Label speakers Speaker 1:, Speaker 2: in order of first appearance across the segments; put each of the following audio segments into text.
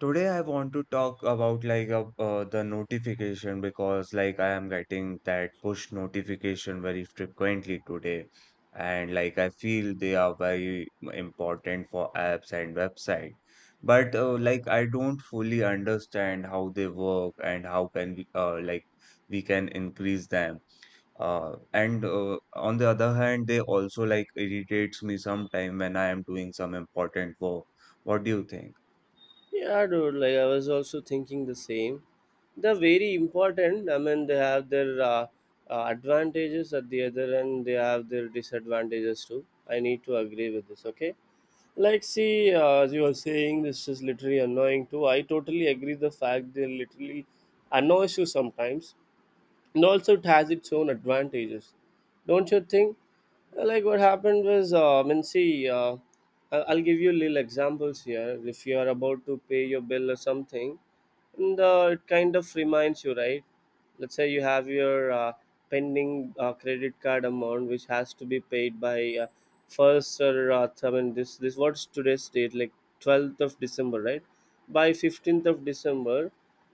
Speaker 1: Today I want to talk about like the notification, because like I am getting that push notification very frequently today, and like I feel they are very important for apps and website. But like I don't fully understand how they work and how can we like we can increase them. And on the other hand they also like irritates me sometime when I am doing some important work. What do you think?
Speaker 2: Yeah, dude, like I was also thinking the same. They're very important. I mean, they have their advantages at the other end, they have their disadvantages too. I need to agree with this, okay? Like, see, as you were saying, this is literally annoying too. I totally agree the fact they literally annoys you sometimes, and also it has its own advantages. Don't you think? Like, what happened was, I mean, see, I'll give you little examples here. If you are about to pay your bill or something, and it kind of reminds you, right? Let's say you have your pending credit card amount, which has to be paid by first, or I mean, this, what's today's date, like 12th of December, right? By 15th of December.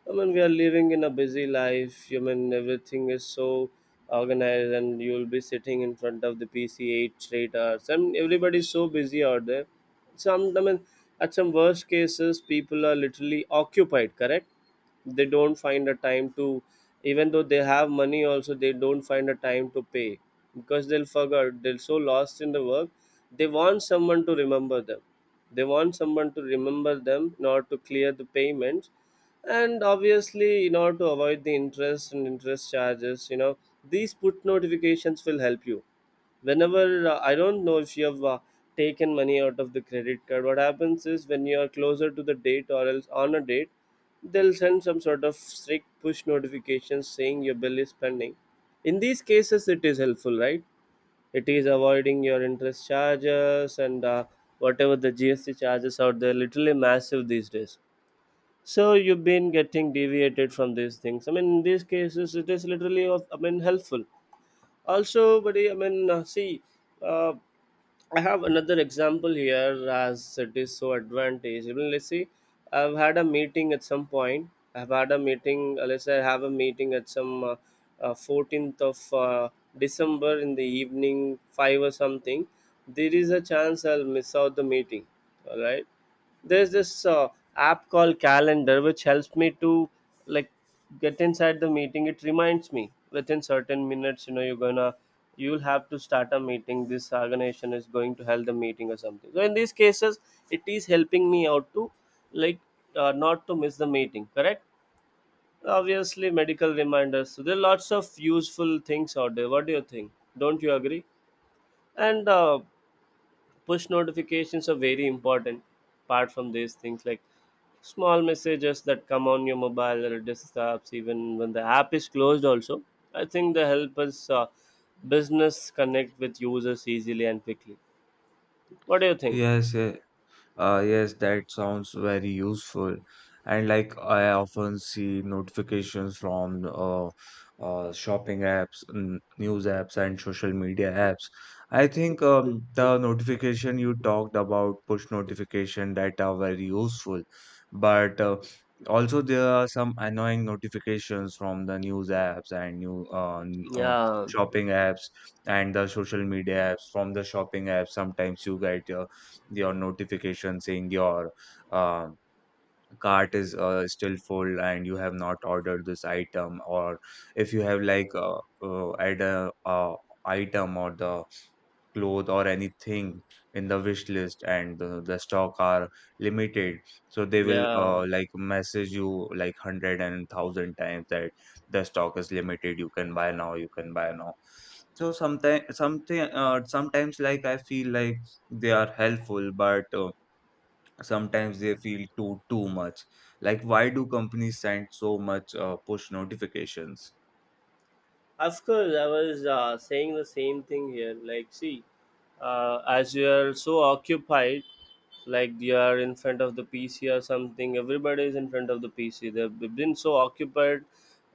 Speaker 2: I mean, we are living in a busy life, I mean, everything is so organized and you'll be sitting in front of the PC 8 straight hours, and everybody's so busy out there. Some, I mean, at some worst cases, people are literally occupied, correct? They don't find a time to, even though they have money also, they don't find a time to pay, because they'll forget. They're so lost in the work. They want someone to remember them. They want someone to remember them in order to clear the payments. And obviously, in order to avoid the interest and interest charges, these put notifications will help you. Whenever, I don't know if you have taken money out of the credit card, what happens is when you are closer to the date or else on a date, they'll send some sort of strict push notifications saying your bill is pending. In these cases it is helpful, right? It is avoiding your interest charges, and whatever the GST charges out there, literally massive these days. So you've been getting deviated from these things. I mean, in these cases it is literally of, I mean, helpful. Also, buddy, I mean, see, uh, I have another example here, as it is so advantage. Even, let's see, I've had a meeting at some point. I've had a meeting, let's say I have a meeting at some 14th of December in the evening, 5 or something. There is a chance I'll miss out the meeting, all right? There's this app called Calendar, which helps me to, like, get inside the meeting. It reminds me within certain minutes, you'll have to start a meeting, this organization is going to held the meeting or something. So in these cases it is helping me out to, like, not to miss the meeting, correct? Obviously, medical reminders. So there are lots of useful things out there. What do you think? Don't you agree? And push notifications are very important, apart from these things, like small messages that come on your mobile or desktops even when the app is closed also. I think they help us, business connect with users easily and quickly. What do you think?
Speaker 1: Yes, yes. Yes, that sounds very useful. And like I often see notifications from shopping apps, news apps, and social media apps. I think the notification you talked about, push notification, that are very useful. But also there are some annoying notifications from the news apps and
Speaker 2: Yeah,
Speaker 1: shopping apps and the social media apps. From the shopping apps, sometimes you get your notification saying your uh, cart is still full and you have not ordered this item, or if you have like add a item or the cloth or anything in the wish list, and the stock are limited, so they will
Speaker 2: yeah.
Speaker 1: like message you like hundred and thousand times that the stock is limited, you can buy now, you can buy now. So sometimes something sometimes like I feel like they are helpful, but sometimes they feel too much. Like, why do companies send so much push notifications?
Speaker 2: Of course, I was saying the same thing here. Like, see, as you are so occupied, like you are in front of the PC or something, everybody is in front of the PC. They've been so occupied,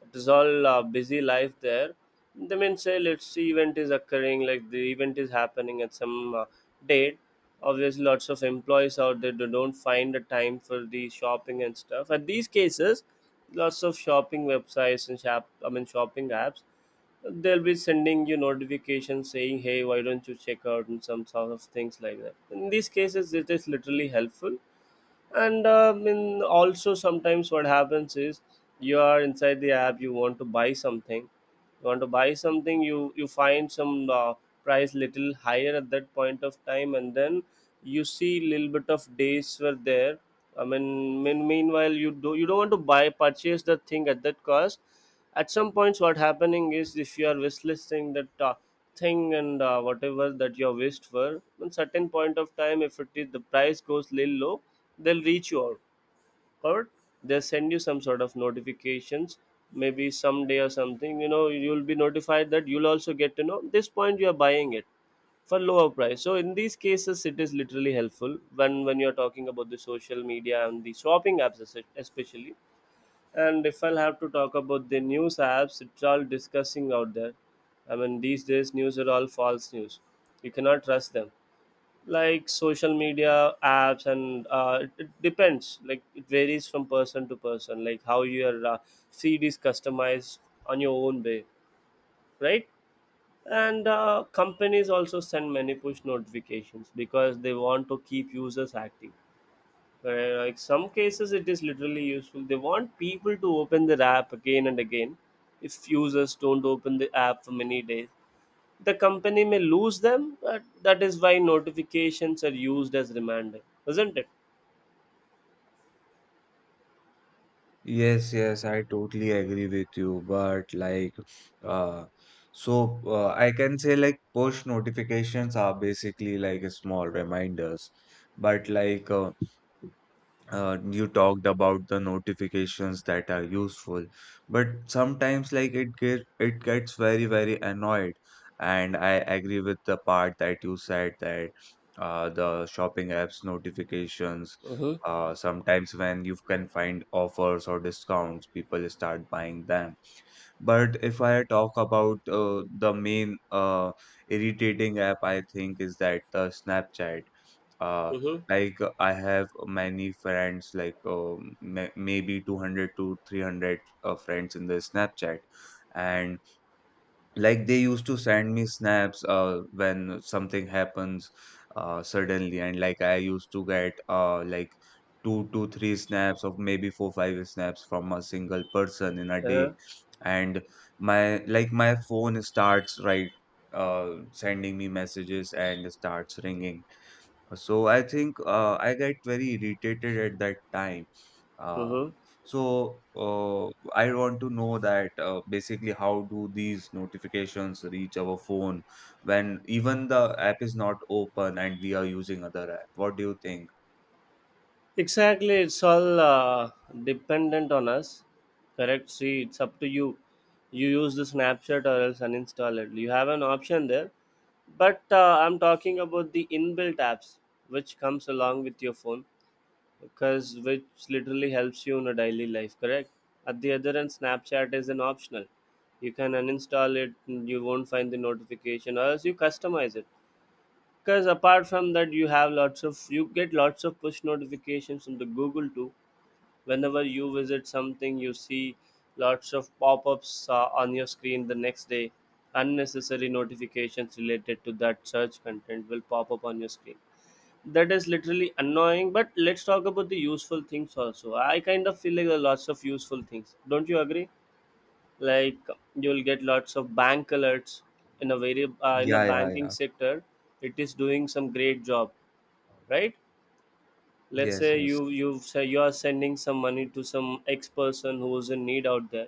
Speaker 2: it is all busy life there. They mean, say, let's see, event is occurring, like the event is happening at some date. Obviously, lots of employees out there, they don't find the time for the shopping and stuff. At these cases, lots of shopping websites and shop, I mean, shopping apps, they'll be sending you notifications saying, hey, why don't you check out, and some sort of things like that. In these cases it is literally helpful. And in also sometimes what happens is, you are inside the app, you want to buy something. You want to buy something, you find some price little higher at that point of time, and then you see little bit of days were there, I mean, meanwhile you do you don't want to buy purchase the thing at that cost. At some points what happening is, if you are wishlisting that thing, and whatever that you are wished for, on certain point of time, if it is the price goes little low, they'll reach you out, covered. They send you some sort of notifications, maybe someday or something, you'll be notified that you'll also get to know this point you are buying it for lower price. So in these cases it is literally helpful when you're talking about the social media and the shopping apps, especially. And if I'll have to talk about the news apps, it's all discussing out there. I mean, these days news are all false news, you cannot trust them. Like social media apps, and it depends, like it varies from person to person, like how your feed is customized on your own way, right? And companies also send many push notifications because they want to keep users active. Where, like, some cases it is literally useful. They want people to open their app again and again. If users don't open the app for many days, the company may lose them, but that is why notifications are used as reminder, isn't it?
Speaker 1: Yes, yes, I totally agree with you, but like, uh I can say like push notifications are basically like small reminders, but like, you talked about the notifications that are useful, but sometimes like it gets very very annoyed. And I agree with the part that you said, that the shopping apps notifications,
Speaker 2: Mm-hmm.
Speaker 1: sometimes when you can find offers or discounts, people start buying them. But if I talk about the main irritating app, I think is that the Snapchat. Uh,
Speaker 2: Mm-hmm.
Speaker 1: like, I have many friends, like maybe 200 to 300 friends in the Snapchat, and like they used to send me snaps when something happens suddenly, and like I used to get like two to three snaps, of maybe four five snaps from a single person in a day,
Speaker 2: Uh-huh.
Speaker 1: and my phone starts, right, sending me messages and starts ringing. So I think I get very irritated at that time. Uh,
Speaker 2: Mm-hmm.
Speaker 1: So I want to know that basically how do these notifications reach our phone when even the app is not open and we are using other app? What do you think?
Speaker 2: Exactly. It's all dependent on us. Correct. See, it's up to you. You use the Snapchat or else uninstall it. You have an option there. But I'm talking about the inbuilt apps, which comes along with your phone, because which literally helps you in a daily life, correct? At the other end, Snapchat is an optional. You can uninstall it and you won't find the notification, or else you customize it. Because apart from that you have lots of, you get lots of push notifications from the Google too. Whenever you visit something, you see lots of pop-ups on your screen the next day. Unnecessary notifications related to that search content will pop up on your screen. That is literally annoying. But let's talk about the useful things also. I kind of feel like there are lots of useful things, don't you agree? Like, you'll get lots of bank alerts. In a very in a
Speaker 1: Yeah, yeah,
Speaker 2: banking
Speaker 1: yeah.
Speaker 2: sector, it is doing some great job, right? Let's
Speaker 1: Yes,
Speaker 2: say
Speaker 1: yes.
Speaker 2: you say you are sending some money to some ex person who is in need out there.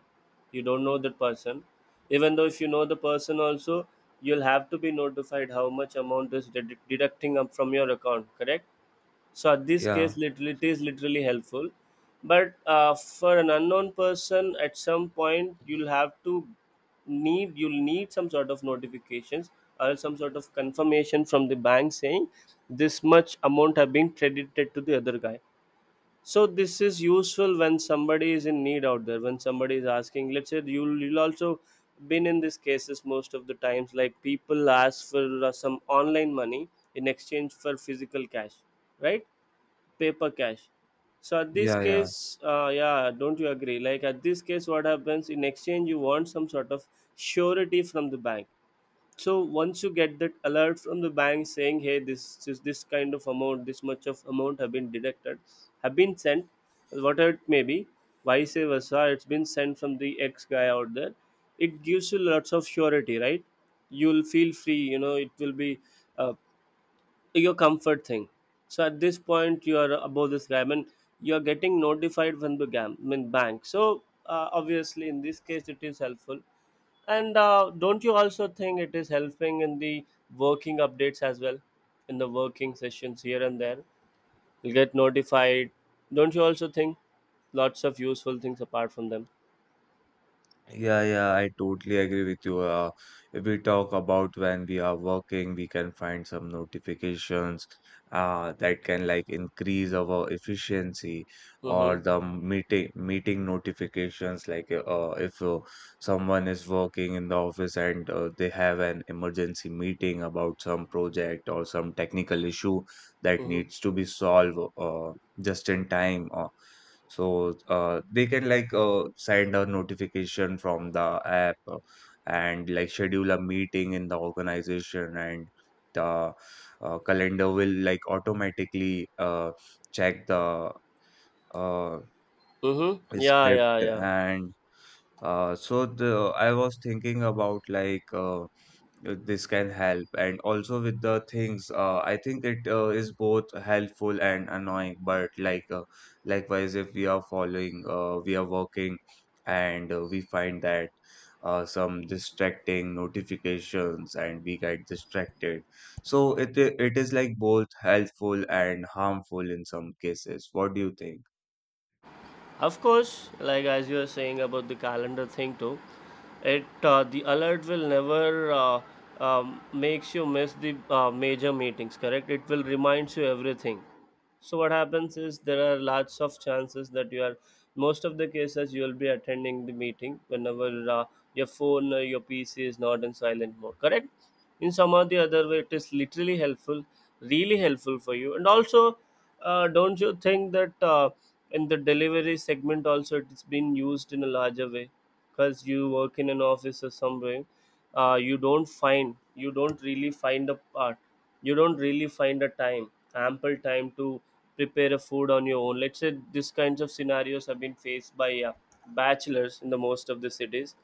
Speaker 2: You don't know that person. Even though if you know the person also, you'll have to be notified how much amount is deducting up from your account, correct? So at this
Speaker 1: Yeah,
Speaker 2: case literally it is literally helpful. But for an unknown person, at some point you'll have to need, you'll need some sort of notifications or some sort of confirmation from the bank saying this much amount have been credited to the other guy. So this is useful when somebody is in need out there, when somebody is asking. Let's say you'll also been in these cases most of the times, like people ask for some online money in exchange for physical cash, right? Paper cash. So at this
Speaker 1: yeah, yeah.
Speaker 2: case, yeah, don't you agree, like at this case what happens, in exchange you want some sort of surety from the bank. So once you get that alert from the bank saying, hey, this is this kind of amount, this much of amount have been deducted, have been sent, whatever it may be, vice versa, it's been sent from the ex guy out there. It gives you lots of surety, right? You'll feel free, it will be uh, your comfort thing. So at this point, you are above this guy. I mean, you are getting notified from the gam, I mean, bank. So obviously, in this case, it is helpful. And don't you also think it is helping in the working updates as well, in the working sessions here and there? You get notified. Don't you also think lots of useful things apart from them?
Speaker 1: Yeah, yeah, I totally agree with you. If we talk about when we are working, we can find some notifications that can like increase our efficiency,
Speaker 2: Mm-hmm.
Speaker 1: or the meeting notifications. Like, if someone is working in the office and they have an emergency meeting about some project or some technical issue that
Speaker 2: Mm-hmm.
Speaker 1: needs to be solved just in time. So they can like send a notification from the app and like schedule a meeting in the organization, and the calendar will like automatically check the uh,
Speaker 2: Mm-hmm. Yeah, yeah,
Speaker 1: script,
Speaker 2: yeah.
Speaker 1: and so the I was thinking about like, this can help, and also with the things, I think it is both helpful and annoying, but like, likewise if we are following we are working, and we find that some distracting notifications and we get distracted, so it is like both helpful and harmful in some cases. What do you think?
Speaker 2: Of course, like as you are saying about the calendar thing too, it the alert will never makes you miss the major meetings. Correct? It will reminds you everything. So what happens is there are lots of chances that you are most of the cases you will be attending the meeting whenever your phone or your pc is not in silent mode, correct. In some or the other way it is literally helpful, really helpful for you. And also don't you think that in the delivery segment also it's been used in a larger way? Because you work in an office or somewhere, uh, you don't find you don't really find a part you don't really find a time, ample time to prepare a food on your own. Let's say these kinds of scenarios have been faced by bachelors in the most of the cities.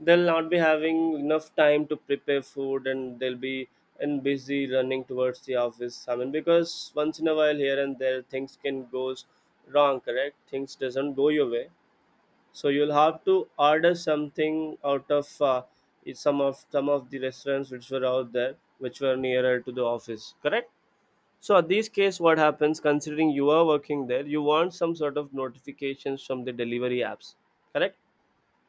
Speaker 2: They'll not be having enough time to prepare food, and they'll be and busy running towards the office. I mean, because once in a while here and there things can goes wrong, correct, things doesn't go your way. So you'll have to order something out of some of the restaurants which were out there, which were nearer to the office. Correct. So at this case, what happens? Considering you are working there, you want some sort of notifications from the delivery apps. Correct.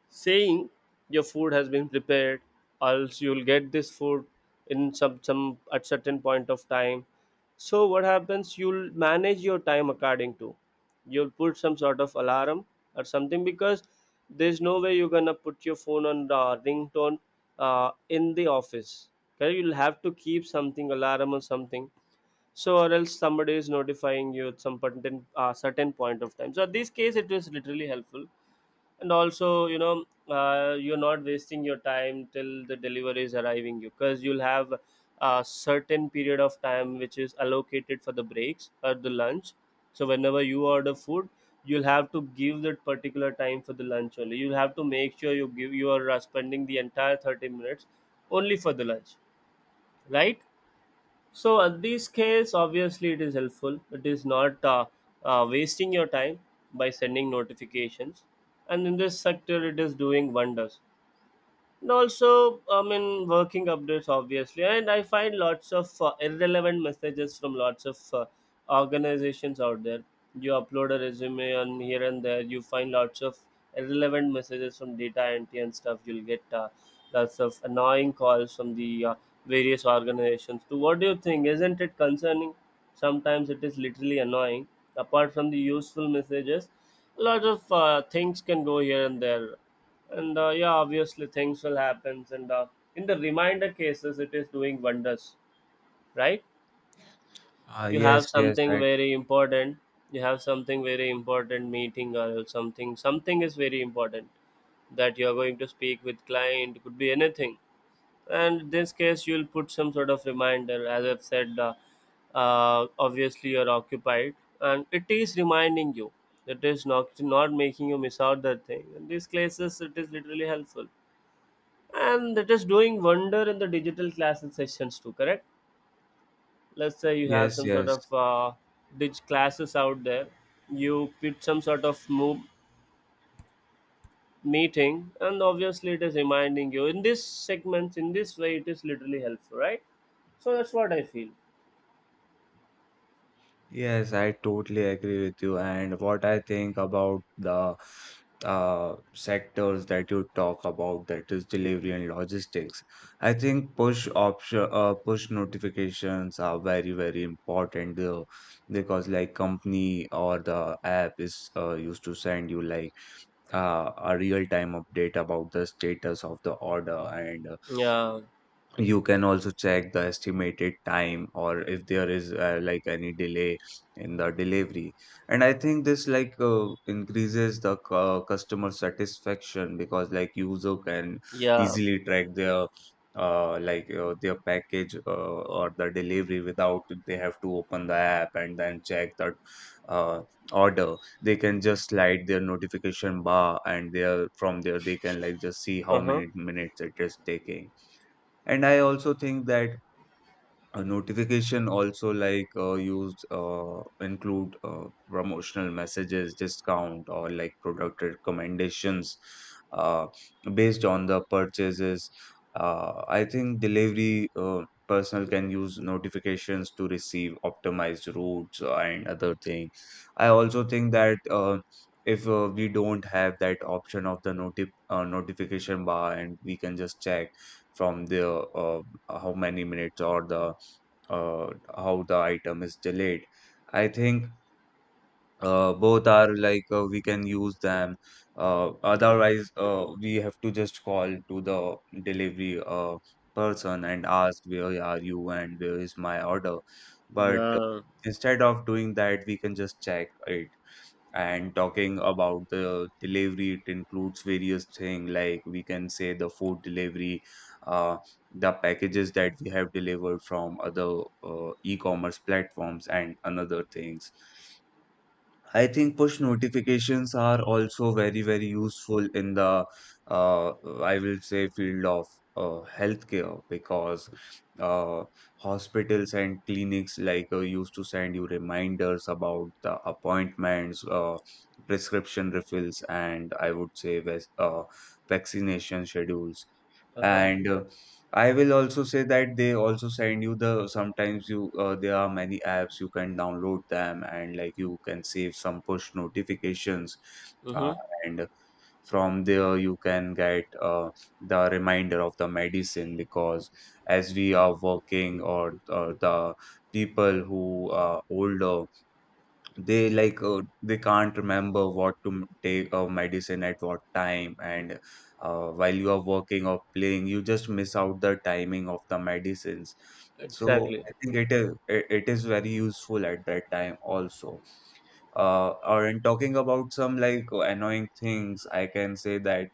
Speaker 2: Saying your food has been prepared, or else you'll get this food in some at certain point of time. So what happens, you'll manage your time according to, you'll put some sort of alarm or something, because there's no way you're gonna put your phone on the ringtone in the office. Okay? You'll have to keep something alarm or something. So or else somebody is notifying you at some certain certain point of time. So in this case it is literally helpful. And also, you're not wasting your time till the delivery is arriving you, because you'll have a certain period of time which is allocated for the breaks or the lunch. So whenever you order food, you'll have to give that particular time for the lunch only. You'll have to make sure you give, you are spending the entire 30 minutes only for the lunch, right? So at these scales, obviously it is helpful. It is not wasting your time by sending notifications, and in this sector, it is doing wonders. And also, I mean, working updates obviously. And I find lots of irrelevant messages from lots of organizations out there. You upload a resume and here and there you find lots of irrelevant messages from data entry and stuff. You'll get lots of annoying calls from the various organizations. So what do you think, isn't it concerning? Sometimes it is literally annoying, apart from the useful messages. A lot of things can go here and there. And yeah, obviously things will happen. And in the reminder cases it is doing wonders, right?
Speaker 1: Ah,
Speaker 2: You
Speaker 1: yes,
Speaker 2: have
Speaker 1: yes,
Speaker 2: something
Speaker 1: I
Speaker 2: very important, you have something very important meeting, or something something is very important, that you are going to speak with client, could be anything. And in this case you'll put some sort of reminder, as I've said. Obviously you're occupied and it is reminding you, it is not not making you miss out that thing. In these cases it is literally helpful. And that is doing wonder in the digital classes sessions too, correct? Let's say you have
Speaker 1: yes,
Speaker 2: some sort
Speaker 1: yes.
Speaker 2: of dig classes out there, you put some sort of move meeting, and obviously it is reminding you. In this segments, in this way it is literally helpful, right? So that's what I feel.
Speaker 1: Yes, I totally agree with you. And what I think about the sectors that you talk about, that is delivery and logistics, I think push notifications are very, very important though, because like company or the app is used to send you like a real time update about the status of the order, and
Speaker 2: Yeah.
Speaker 1: you can also check the estimated time, or if there is like any delay in the delivery. And I think this like increases the customer satisfaction, because like user can
Speaker 2: Yeah.
Speaker 1: easily track their their package or the delivery without they have to open the app and then check that uh, order. They can just slide their notification bar, and there from there they can like just see how
Speaker 2: Uh-huh.
Speaker 1: many minutes it is taking. And I also think that a notification also like use include promotional messages, discount, or like product recommendations uh, based on the purchases. I think delivery personnel can use notifications to receive optimized routes and other thing. I also think that if we don't have that option of the notification bar, and we can just check from the how many minutes or the uh, how the item is delayed. I think both are like, we can use them. Otherwise, we have to just call to the delivery person and ask where are you and where is my order. But,
Speaker 2: Yeah.
Speaker 1: instead of doing that, we can just check it. And talking about the delivery, it includes various things, like we can say the food delivery, uh, the packages that we have delivered from other e-commerce platforms and another things. I think push notifications are also very, very useful in the, uh, I will say, field of healthcare, because uh, hospitals and clinics like used to send you reminders about the appointments, prescription refills, and I would say vaccination schedules.
Speaker 2: Uh-huh.
Speaker 1: And I will also say that they also send you the sometimes you there are many apps you can download them and like you can save some push notifications, uh,
Speaker 2: Mm-hmm.
Speaker 1: and from there you can get the reminder of the medicine, because as we are working or the people who are older, they like they can't remember what to take a medicine at what time, and while you are working or playing you just miss out the timing of the medicines. So
Speaker 2: Exactly.
Speaker 1: I think it is very useful at that time also. Or in talking about some like annoying things, I can say that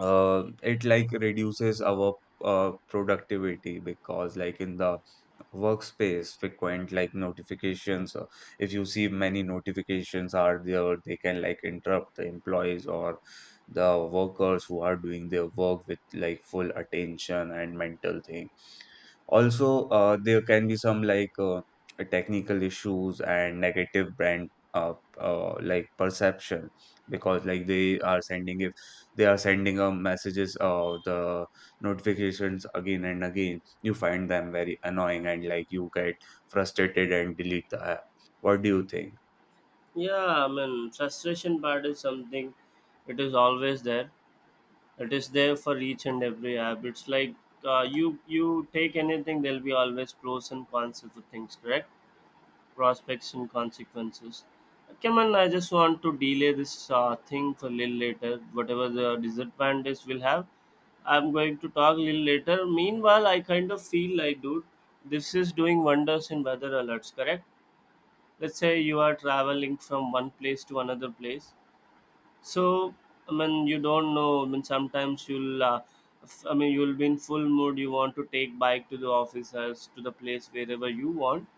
Speaker 1: it like reduces our productivity, because like in the workspace frequent like notifications, if you see many notifications are there they can like interrupt the employees or the workers who are doing their work with like full attention and mental thing. Also, there can be some like technical issues and negative brand like perception, because like they are sending if they are sending messages, the notifications again and again, you find them very annoying and like you get frustrated and delete the app. What do you think?
Speaker 2: Yeah, I mean, frustration part is something, it is always there. It is there for each and every app. It's like you take anything, there'll be always pros and cons of the things, correct? Prospects and consequences. Come on, I just want to delay this thing for a little later. Whatever the disadvantage we'll have, I'm going to talk a little later. Meanwhile, I kind of feel like, dude, this is doing wonders in weather alerts, correct? Let's say you are traveling from one place to another place. So, I mean, you don't know. I mean, sometimes you'll, I mean, you'll be in full mood. You want to take bike to the office, to the place wherever you want.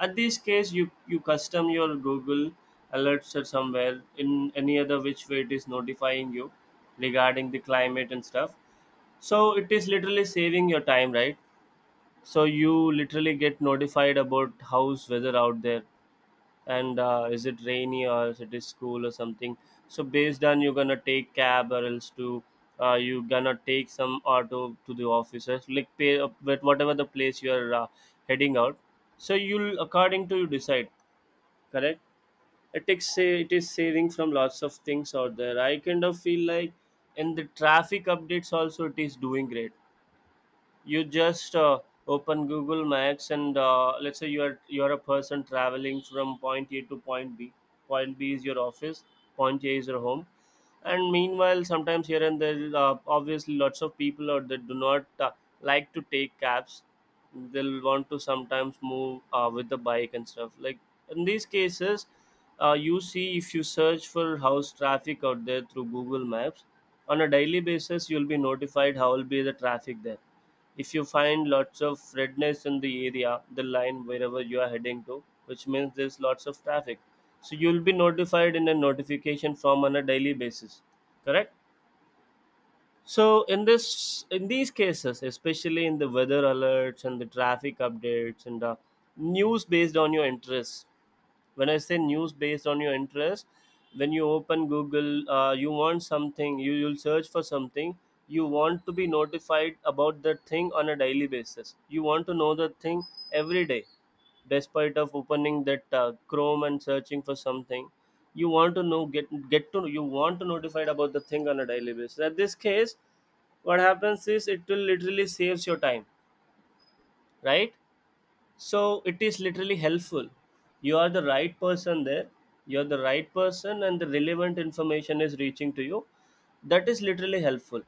Speaker 2: At this case, you custom your Google alerts or somewhere in any other which way it is notifying you regarding the climate and stuff. So it is literally saving your time, right? So you literally get notified about how's weather out there, and is it rainy or is it is cool or something. So based on, you're gonna take cab or else to you gonna take some auto to the officers, like pay up with whatever the place you're heading out. So you'll according to you decide, correct. It takes say it is saving from lots of things out there, I kind of feel like. In the traffic updates also it is doing great. You just open Google Maps, and let's say you're a person traveling from point A to point B. Point B is your office, point A is your home. And meanwhile sometimes here and there, obviously lots of people out there do not like to take cabs. They'll want to sometimes move with the bike and stuff. Like in these cases, you see if you search for house traffic out there through Google Maps on a daily basis, you'll be notified how will be the traffic there. If you find lots of redness in the area, the line wherever you are heading to, which means there's lots of traffic. So you'll be notified in a notification form on a daily basis, correct? So in this in these cases, especially in the weather alerts and the traffic updates and the news based on your interests. When I say news based on your interest, when you open Google, you want something, you will search for something, you want to be notified about that thing on a daily basis, you want to know that thing every day, despite of opening that Chrome and searching for something. You want to know get to you want to notified about the thing on a daily basis. At this case, what happens is it will literally saves your time, right? So it is literally helpful. You are the right person there, you're the right person, and the relevant information is reaching to you. That is literally helpful.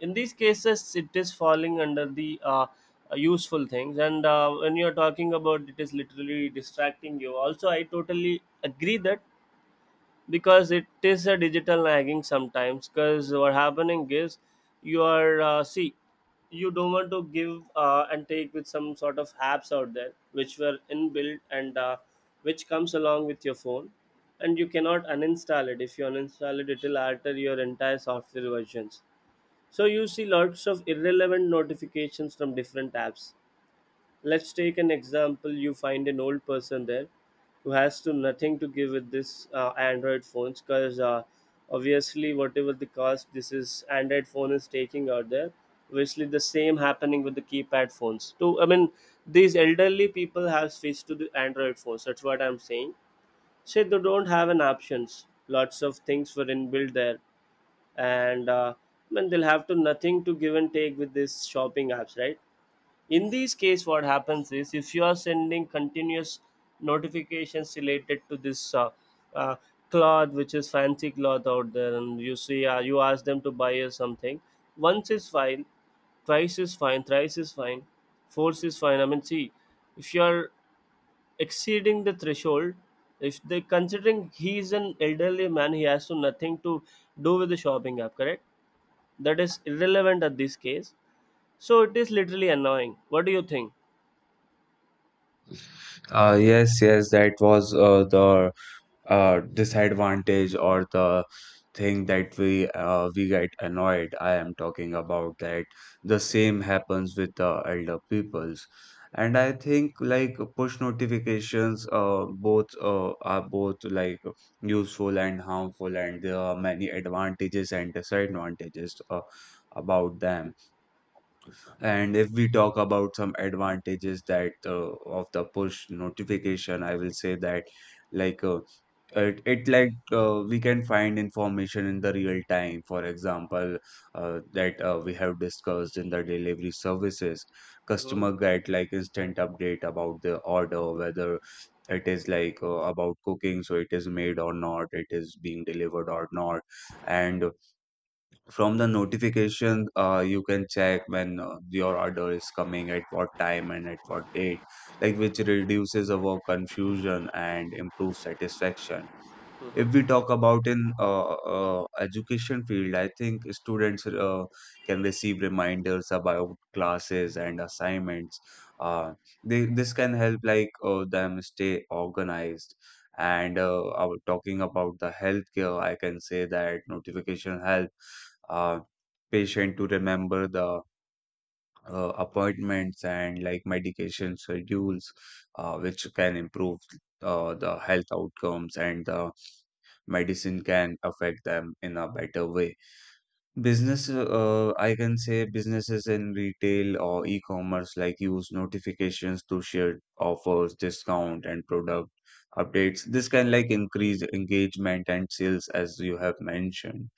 Speaker 2: In these cases it is falling under the useful things. And when you're talking about it is literally distracting you, also I totally agree that, because it is a digital nagging sometimes. Because what happening is, you are see, you don't want to give and take with some sort of apps out there which were inbuilt, and which comes along with your phone, and you cannot uninstall it. If you uninstall it, it will alter your entire software versions. So you see lots of irrelevant notifications from different apps. Let's take an example. You find an old person there who has to nothing to give with this Android phones. Because obviously whatever the cost this is Android phone is taking out there. Obviously, the same happening with the keypad phones. So I mean, these elderly people have switched to the Android phones. That's what I'm saying. So they don't have an options. Lots of things were inbuilt there, and I mean, they'll have to nothing to give and take with these shopping apps, right? In this case what happens is, if you are sending continuous notifications related to this uh, cloth, which is fancy cloth out there, and you see you ask them to buy you something. Once is fine, twice is fine, thrice is fine, fourth is fine. I mean, see, if you are exceeding the threshold, if they considering he is an elderly man, he has to nothing to do with the shopping app, correct? That is irrelevant at this case. So it is literally annoying. What do you think?
Speaker 1: Yes, yes, that was the disadvantage or the thing that we get annoyed. I am talking about that. The same happens with the elder peoples, and I think like push notifications both are both like useful and harmful, and there are many advantages and disadvantages about them. And if we talk about some advantages that of the push notification, I will say that like it like we can find information in the real time. For example, that we have discussed in the delivery services,
Speaker 2: Hmm.
Speaker 1: customer get like instant update about the order, whether it is like about cooking, so it is made or not, it is being delivered or not, and from the notification, you can check when your order is coming, at what time and at what date, like which reduces our confusion and improves satisfaction. If we
Speaker 2: Mhm,
Speaker 1: talk about in education field, I think students can receive reminders about classes and assignments. Uh, this can help like them stay organized. And I was talking about the healthcare, I can say that notification helps uh, patient to remember the appointments and like medication schedules, which can improve the health outcomes and the medicine can affect them in a better way. Business, I can say businesses in retail or e-commerce like use notifications to share offers, discount, and product updates. This can like increase engagement and sales as you have mentioned.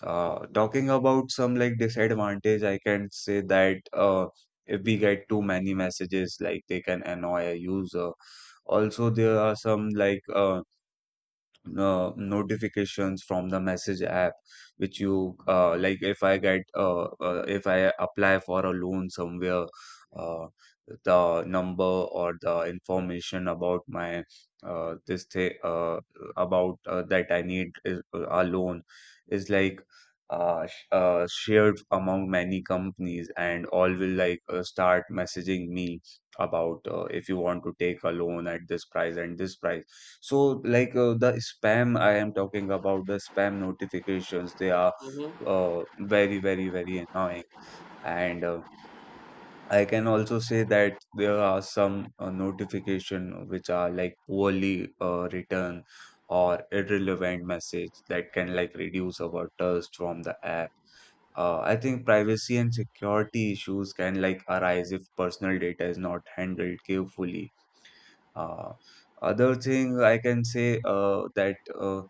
Speaker 1: Talking about some like disadvantage, I can say that if we get too many messages, like they can annoy a user. Also, there are some like notifications from the message app which you like if I apply for a loan somewhere, uh, the number or the information about my this thing about that I need is, a loan, is like shared among many companies, and all will like start messaging me about if you want to take a loan at this price and this price. So, like, the spam, I am talking about the spam notifications, they are
Speaker 2: mhm,
Speaker 1: very, very, very annoying. And I can also say that there are some notification which are like poorly written or irrelevant message that can like reduce our trust from the app. I think privacy and security issues can like arise if personal data is not handled carefully. Uh, other thing I can say that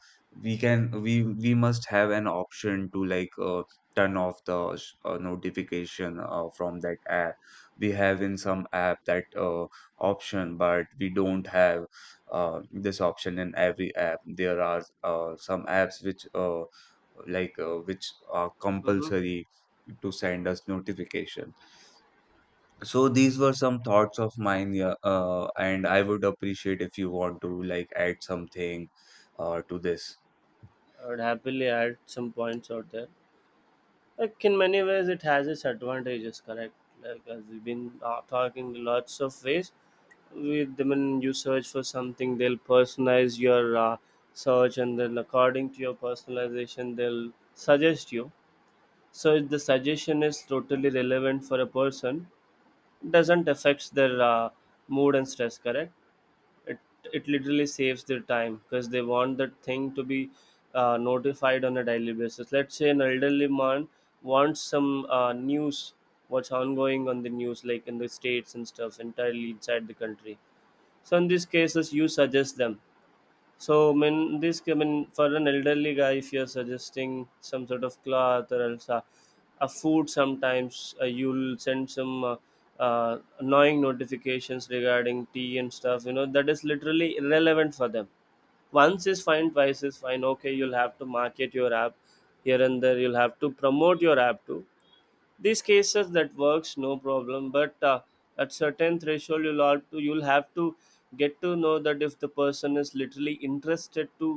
Speaker 1: we can we must have an option to like turn off the notification from that app. We have in some app that option, but we don't have this option in every app. There are some apps which like which are
Speaker 2: mhm.
Speaker 1: compulsory to send us notification. So these were some thoughts of mine, yeah, and I would appreciate if you want to like add something to this.
Speaker 2: I would happily add some points out there. Like in many ways, it has its advantages. Correct. Like as we've been talking lots of ways. With them, when you search for something, they'll personalize your search, and then according to your personalization, they'll suggest you. So if the suggestion is totally relevant for a person, it doesn't affect their mood and stress. Correct. it it literally saves their time, because they want that thing to be notified on a daily basis. Let's say an elderly man wants some news, what's ongoing on the news, like in the states and stuff, entirely inside the country. So in these cases you suggest them. So, I mean, this, I mean, for an elderly guy, if you're suggesting some sort of cloth or else a food, sometimes you'll send some annoying notifications regarding tea and stuff, you know, that is literally irrelevant for them. Once is fine, twice is fine. Okay, you'll have to market your app here and there, you'll have to promote your app too. These cases that works no problem. But at certain threshold you'll have to, you'll have to get to know that if the person is literally interested to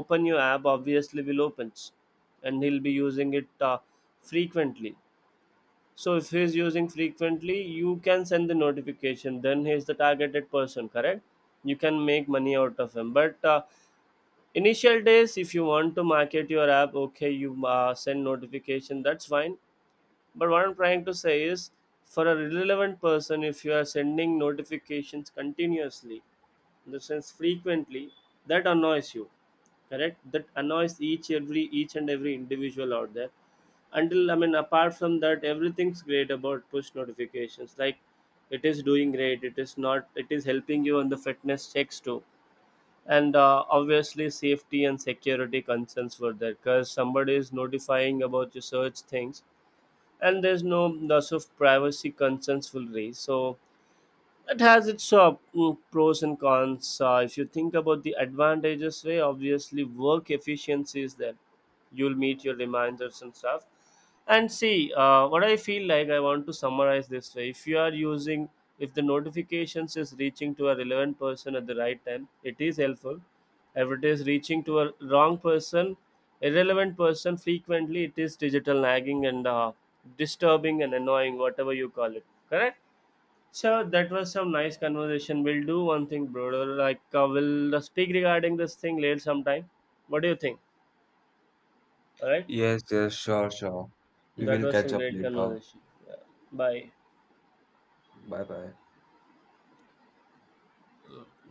Speaker 2: open your app, obviously will opens, and he'll be using it frequently. So if he's using frequently, you can send the notification, then he's the targeted person, correct. You can make money out of him. But initial days, if you want to market your app, okay you send notification, that's fine. But what I'm trying to say is, for a relevant person, if you are sending notifications continuously, in the sense frequently, that annoys you, correct? That annoys each and every individual out there. Until I mean, apart from that, everything's great about push notifications. Like it is doing great. It is not. It is helping you on the fitness checks too. And obviously, safety and security concerns were there, because somebody is notifying about your search things, and there's no loss of privacy concerns will raise. So it has its pros and cons. If you think about the advantages, way obviously work efficiency is there. You'll meet your reminders and stuff. And see, what I feel like I want to summarize this way: if you are using, if the notifications is reaching to a relevant person at the right time, it is helpful. If it is reaching to a wrong person, irrelevant person, frequently it is digital nagging, and disturbing and annoying, whatever you call it. Correct. So that was some nice conversation. We'll do one thing, brother. Like we'll speak regarding this thing later sometime. What do you think? All right.
Speaker 1: Yes, yes, sure, sure. We
Speaker 2: That
Speaker 1: will
Speaker 2: was
Speaker 1: catch
Speaker 2: some
Speaker 1: up
Speaker 2: great
Speaker 1: later.
Speaker 2: conversation. Yeah. Bye.
Speaker 1: Bye bye.